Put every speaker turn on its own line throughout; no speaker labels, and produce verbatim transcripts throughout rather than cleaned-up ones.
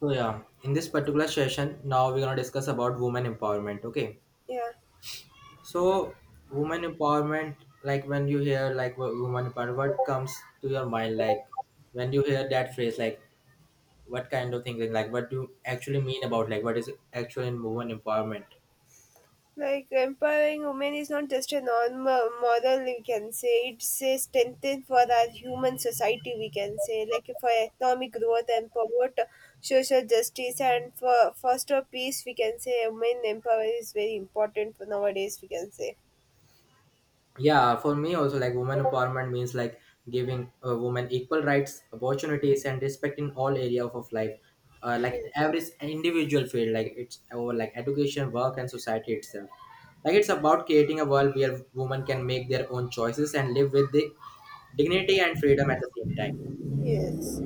So yeah, in this particular session, now we're gonna discuss about women empowerment. Okay,
Yeah,
so women empowerment, like when you hear like wo- woman empowerment, what comes to your mind? Like when you hear that phrase, like what kind of things, like what do you actually mean about like what is actual in woman empowerment?
like empowering women is not just a normal model, we can say. It's a strengthen for our human society, we can say, like for economic growth and promote social justice and for foster peace, we can say women empowerment is very important for nowadays, we can say.
Yeah, for me also like women empowerment means like giving uh, women equal rights opportunities and respect in all area of, of life, uh, like
Yes.
every s- individual field, like it's over like education work and society itself. Like it's about creating a world where women can make their own choices and live with the dignity and freedom at the same time.
Yes.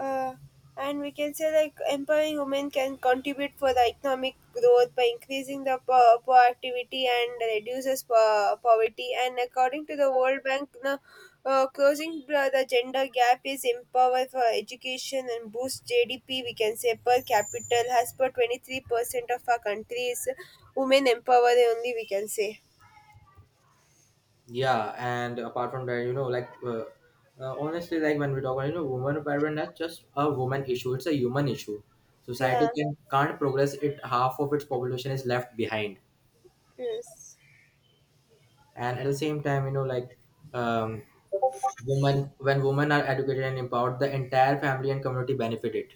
uh, and we can say like empowering women can contribute for the economic growth by increasing the po- productivity and reduces po- poverty, and according to the World Bank now, uh, closing the the gender gap is empower for education and boost G D P. We can say per capita has per twenty-three percent of our country is women empowered only, we can say.
Yeah, and apart from that, you know, like uh, uh, honestly, like when we talk about you know woman empowerment, that's just a woman issue. It's a human issue. Society
Yeah.
can can't progress it. Half of its population is left behind,
Yes.
and at the same time, you know, like um, women, when women are educated and empowered, the entire family and community benefit it.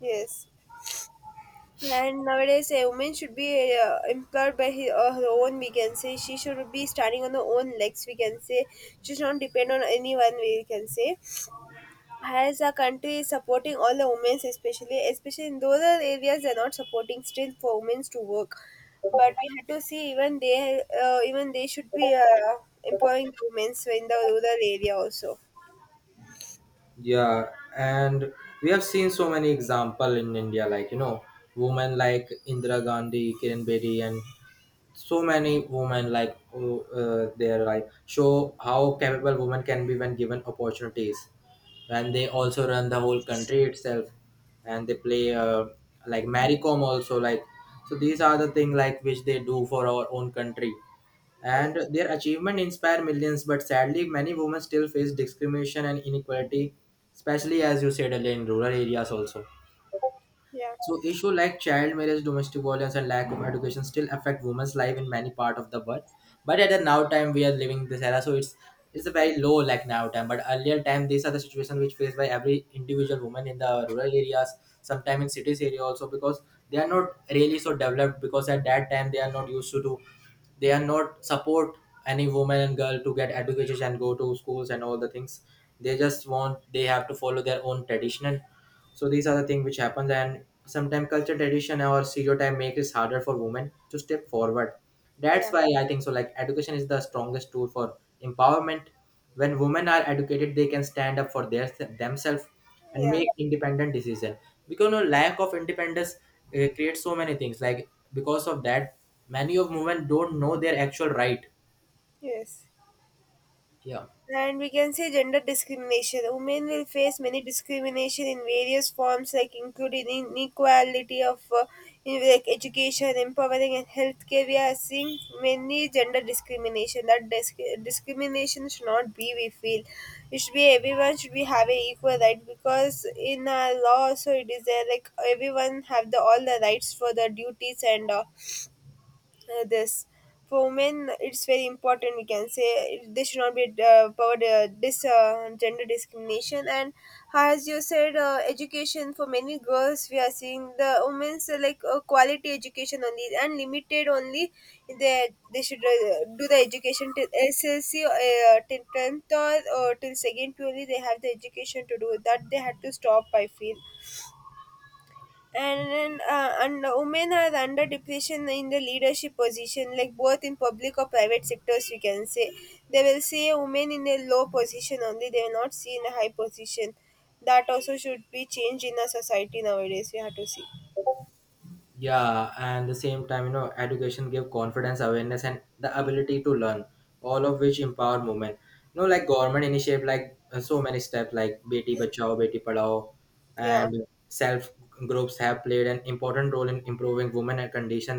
Yes. And nowadays, a woman should be uh, employed by her, uh, her own, we can say. She should be standing on her own legs, we can say. She should not depend on anyone, we can say. As a country is supporting all the women, especially, especially in those are areas, they're not supporting still for women to work. But we had to see even they, uh, even they should be uh, empowering the women in the rural area also.
Yeah, and we have seen so many example in India, like you know, women like Indira Gandhi, Kiran Bedi, and so many women like who, uh, they're like show how capable women can be when given opportunities, and they also run the whole country itself, and they play uh, like Maricom also. Like so these are the thing like which they do for our own country, and
Yes.
their achievement inspire millions, but sadly many women still face discrimination and inequality, especially as you said earlier in rural areas also.
Yeah.
So issue like child marriage, domestic violence, and lack of education still affect women's life in many part of the world. But at the now time we are living this era, so it's it's a very low like now time. But earlier time, these are the situation which faced by every individual woman in the rural areas, sometimes in cities area also, because they are not really so developed, because at that time they are not used to do, they are not support any woman and girl to get education and go to schools and all the things. They just want, they have to follow their own traditional. So these are the things which happens, and sometimes culture tradition or stereotype makes it harder for women to step forward. That's
Yeah.
why I think so, like education is the strongest tool for empowerment. When women are educated they can stand up for their themselves and
Yeah.
make independent decision, because you know, lack of independence uh, creates so many things, like because of that many of women don't know their actual right.
Yes.
Yeah.
And we can say gender discrimination. Women will face many discrimination in various forms, like including inequality of uh, in, like education, empowering, and healthcare. We are seeing many gender discrimination. That disc- discrimination should not be. We feel it should be everyone should be having equal right, because in our law also it is there like everyone have the all the rights for the duties and. Uh, uh, this, for women it's very important, we can say. It- they should not be uh, powered uh, this, uh, gender discrimination. And as you said, uh, education for many girls, we are seeing the women's uh, like uh, quality education only and limited only. They they should uh, do the education till S S C, uh, till tenth, or, or till second purely they have the education to do that they had to stop, I feel. And then uh, and women are under depression in the leadership position, like both in public or private sectors, we can say. They will see a woman in a low position only, they will not see in a high position. That also should be changed in a society nowadays, we have to see.
Yeah, and the same time you know education give confidence awareness and the ability to learn, all of which empower women. You know like government initiative like uh, so many steps like beti bachao beti padhao,
Yeah.
and self groups have played an important role in improving women and condition.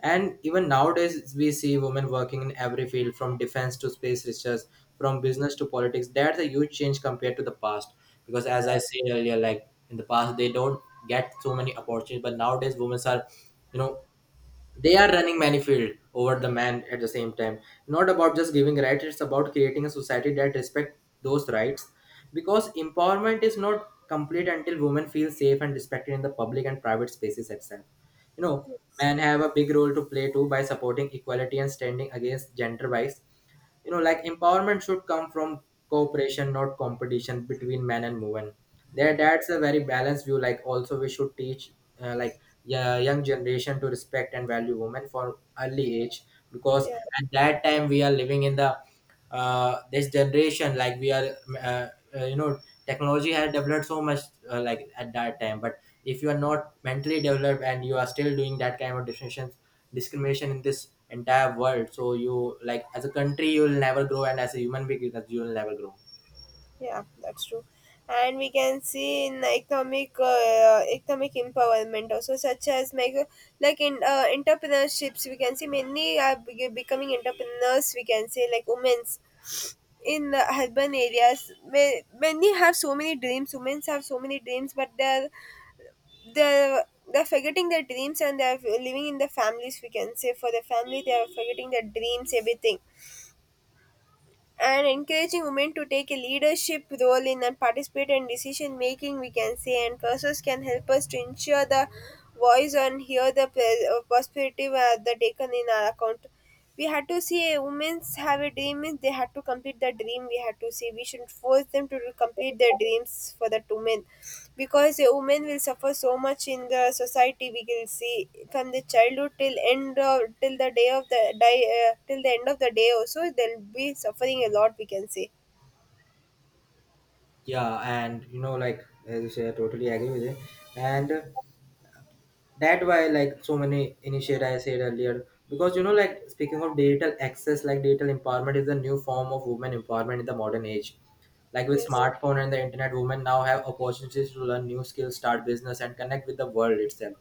And even nowadays, we see women working in every field, from defense to space research, from business to politics. That's a huge change compared to the past. Because as
Yeah.
I said earlier, like in the past, they don't get so many opportunities, but nowadays, women are, you know, they are running manifold over the man at the same time. Not about just giving rights, it's about creating a society that respects those rights, because empowerment is not complete until women feel safe and respected in the public and private spaces itself. You know,
Yes.
men have a big role to play too, by supporting equality and standing against gender bias. You know, like empowerment should come from cooperation, not competition between men and women. There, that's a very balanced view. Like also we should teach, uh, like yeah, young generation to respect and value women for early age, because
Yeah.
at that time we are living in the, uh, this generation, like we are uh, uh, you know, technology has developed so much, uh, like at that time. But if you are not mentally developed and you are still doing that kind of decisions, discrimination in this entire world, so you like as a country you'll never grow, and as a human being that you'll never grow.
Yeah, that's true. And we can see in economic uh, economic empowerment also, such as like like in uh, entrepreneurships, we can see many are be- becoming entrepreneurs. We can say like women's in the urban areas. ma- Many have so many dreams. Women's have so many dreams, but they're they're they're forgetting their dreams and they're living in the families. We can say for the family, they are forgetting their dreams, everything. And encouraging women to take a leadership role in and participate in decision making, we can say, and process can help us to ensure the voice and hear the pers- uh, perspective uh, the taken in our account. We had to see a women's have a dream means they had to complete the dream, we had to see, we shouldn't force them to complete their dreams for that women, because a woman will suffer so much in the society we will see, from the childhood till end of, till the day of the die, uh, till the end of the day also they'll be suffering a lot, we can say.
Yeah, and you know like as you say I totally agree with it. And uh, that why like so many initiate I said earlier, because you know like speaking of digital access, like digital empowerment is the new form of women empowerment in the modern age. Like with
Yes.
smartphone and the internet, women now have opportunities to learn new skills, start business, and connect with the world itself.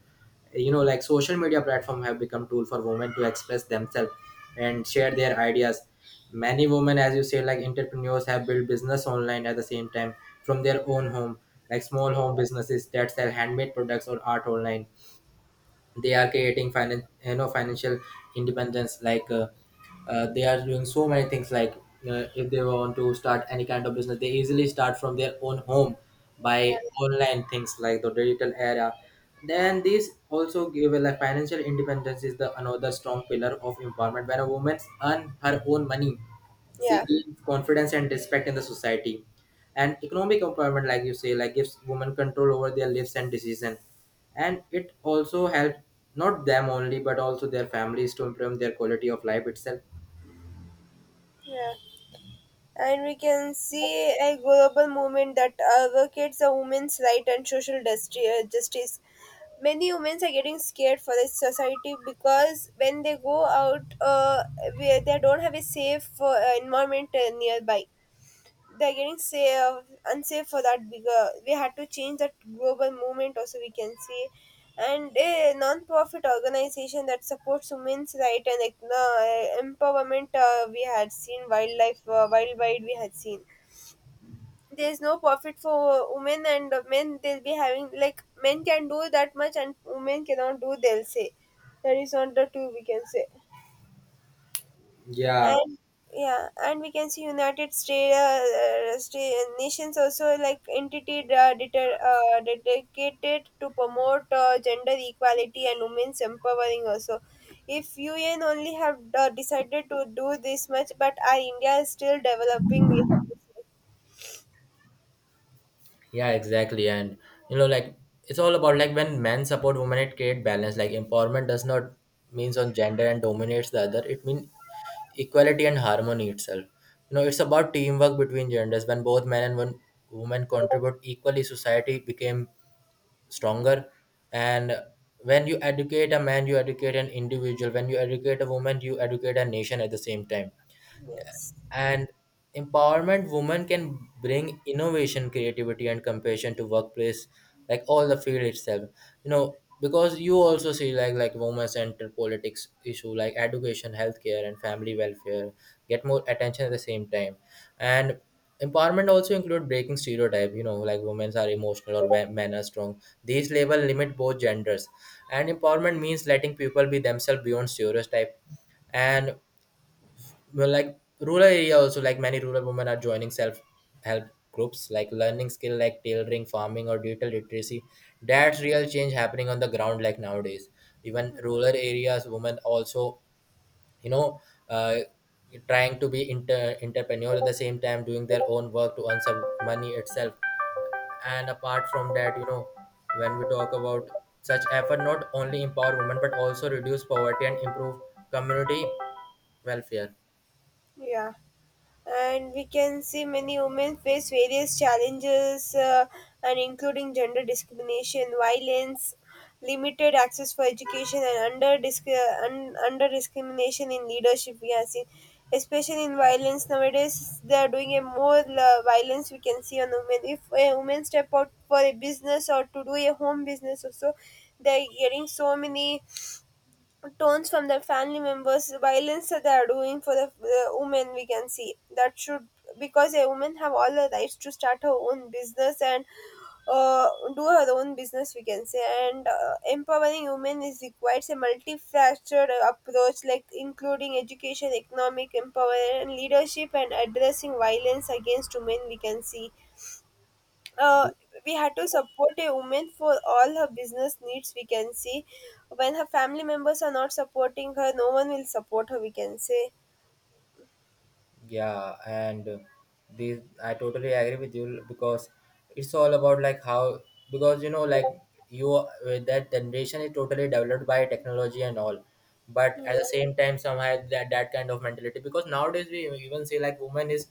You know, like social media platform have become tool for women to express themselves and share their ideas. Many women, as you say, like entrepreneurs have built business online at the same time, from their own home. Like small home businesses that sell handmade products or art online, they are creating finan, you know, financial independence. Like uh, uh, they are doing so many things like, uh, if they want to start any kind of business, they easily start from their own home by
Yeah.
online things like the digital era. Then this also give a like financial independence is the another strong pillar of empowerment. When a woman earn her own money,
Yeah.
she
yeah,
gives confidence and respect in the society. And economic empowerment, like you say, like gives women control over their lives and decision, and it also helps not them only but also their families to improve their quality of life itself.
yeah. And we can see a global movement that advocates a women's right and social justi- uh, justice. Many women are getting scared for this society, because when they go out, uh, we- they don't have a safe uh, environment uh, nearby. They're getting safe, unsafe for that bigger. We had to change that global movement also, we can see. And a non-profit organization that supports women's right and like, uh, empowerment, uh, we had seen wildlife, uh, worldwide we had seen there's no profit for women and men, they'll be having like men can do that much and women cannot do, they'll say. That is not the two, we can say.
Yeah.
And yeah, and we can see United States, uh, uh, sta- nations, also like entity uh, deter, uh, dedicated to promote uh, gender equality and women's empowering also. If UN only have uh, decided to do this much, but our India is still developing, we have to say.
Yeah, exactly. And you know, like it's all about like when men support women, it create balance. Like empowerment does not means on gender and dominates the other. It means equality and harmony itself. You know, it's about teamwork between genders. When both men and one women contribute equally, society became stronger. And when you educate a man, you educate an individual. When you educate a woman, you educate a nation at the same time.
Yes.
And empowerment women can bring innovation creativity and compassion to workplace, like all the field itself. You know, because you also see like like women centered politics issue like education healthcare and family welfare get more attention at the same time. And empowerment also include breaking stereotype. You know, like women are emotional or wa- men are strong, these label limit both genders, and empowerment means letting people be themselves beyond stereotype. And well, like rural area also, like many rural women are joining self help groups, like learning skill like tailoring farming or digital literacy. That's real change happening on the ground, like nowadays even rural areas women also, you know, uh, trying to be inter- entrepreneur at the same time, doing their own work to earn some money itself. And apart from that you know, when we talk about such effort, not only empower women but also reduce poverty and improve community welfare.
Yeah. And we can see many women face various challenges, uh, and including gender discrimination, violence, limited access for education, and under disc- uh, un- under discrimination in leadership, we have seen. Especially in violence nowadays they are doing a more uh, violence, we can see, on women. If a woman step out for a business or to do a home business also, they are getting so many tones from their family members, violence that they are doing for the, the women, we can see that should. Because a woman have all the rights to start her own business and uh, do her own business, we can say. And uh, empowering women is requires a multifaceted approach, like including education, economic empowerment, leadership, and addressing violence against women, we can see. uh, we had to support a woman for all her business needs, we can see. When her family members are not supporting her, no one will support her, we can say.
Yeah, and uh, this I totally agree with you, because it's all about like how, because you know like you with that generation is totally developed by technology and all, but at the
Yeah.
same time somehow that that kind of mentality, because nowadays we even say like woman is,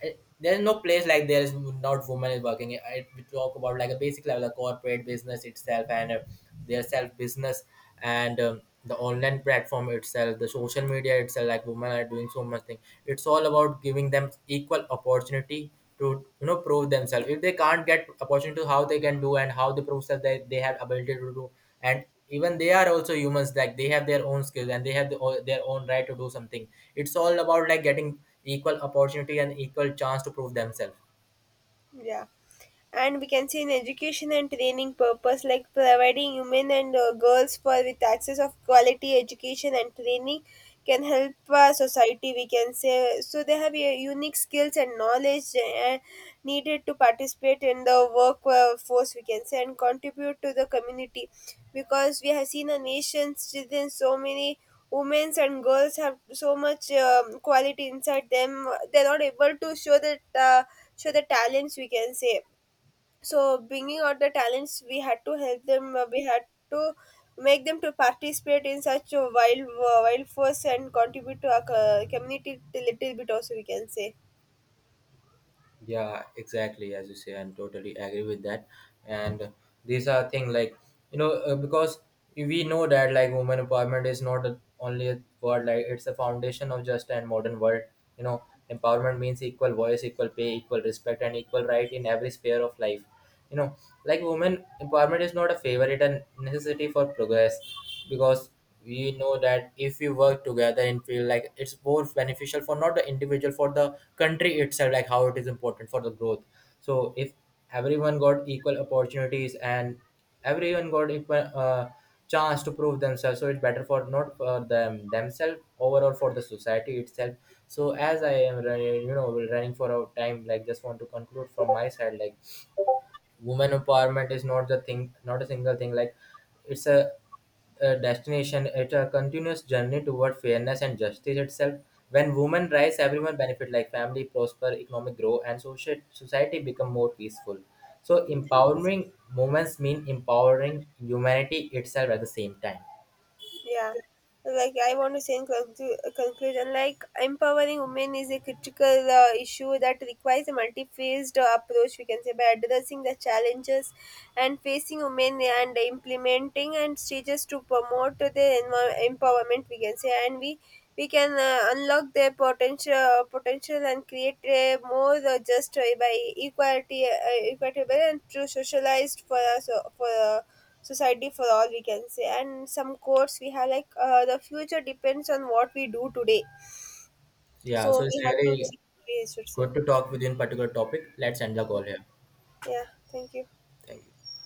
it, there's no place like there is not women is working. I, we talk about like a basic level of corporate business itself, and uh, their self business, and um, the online platform itself, the social media itself. Like women are doing so much thing. It's all about giving them equal opportunity to, you know, prove themselves. If they can't get opportunity, how they can do and how they prove that they, they have ability to do, and even they are also humans like they have their own skills and they have the, their own right to do something. It's all about like getting equal opportunity and equal chance to prove themselves.
Yeah. And we can see in education and training purpose, like providing women and uh, girls for with access of quality education and training can help our society, we can say, so they have a unique skills and knowledge uh, needed to participate in the workforce. We can say and contribute to the community, because we have seen a nation's within so many women and girls have so much um, quality inside them. They're not able to show that, uh, show the talents, we can say. So bringing out the talents we had to help them, uh, we had to make them to participate in such a wild uh, wild force and contribute to our co- community a little bit also, we can say.
Yeah, exactly as you say, and totally agree with that. And these are things like, you know, uh, because we know that like women empowerment is not a, only a word, like it's a foundation of just and modern world. You know, empowerment means equal voice, equal pay, equal respect and equal right in every sphere of life. You know, like women empowerment is not a favorite and necessity for progress, because we know that if we work together and feel like it's both beneficial for not the individual for the country itself, like how it is important for the growth. So if everyone got equal opportunities and everyone got equal uh, chance to prove themselves, so it's better for not for them themselves overall for the society itself. So as I am running you know running for a time, like just want to conclude from my side. Like women empowerment is not the thing, not a single thing, like it's a, a destination, it's a continuous journey toward fairness and justice itself. When women rise, everyone benefit, like family prosper, economic grow, and social society become more peaceful. So empowering women mean empowering humanity itself at the same time.
Yeah. Like I want to say in conclu- conclusion, like empowering women is a critical uh, issue that requires a multi-phased uh, approach, we can say, by addressing the challenges and facing women and implementing and stages to promote their envi- empowerment, we can say. And we we can uh, unlock their potential potential and create a more uh, just uh, by equality, uh, equitable and true socialized for us, uh, for uh, society for all, we can say. And some quotes we have like, uh, the future depends on what we do today.
Yeah, so
So
it's
we have to
really
think, we should say.
good to talk with you in particular topic. Let's end the call here.
Yeah, thank you.
Thank you.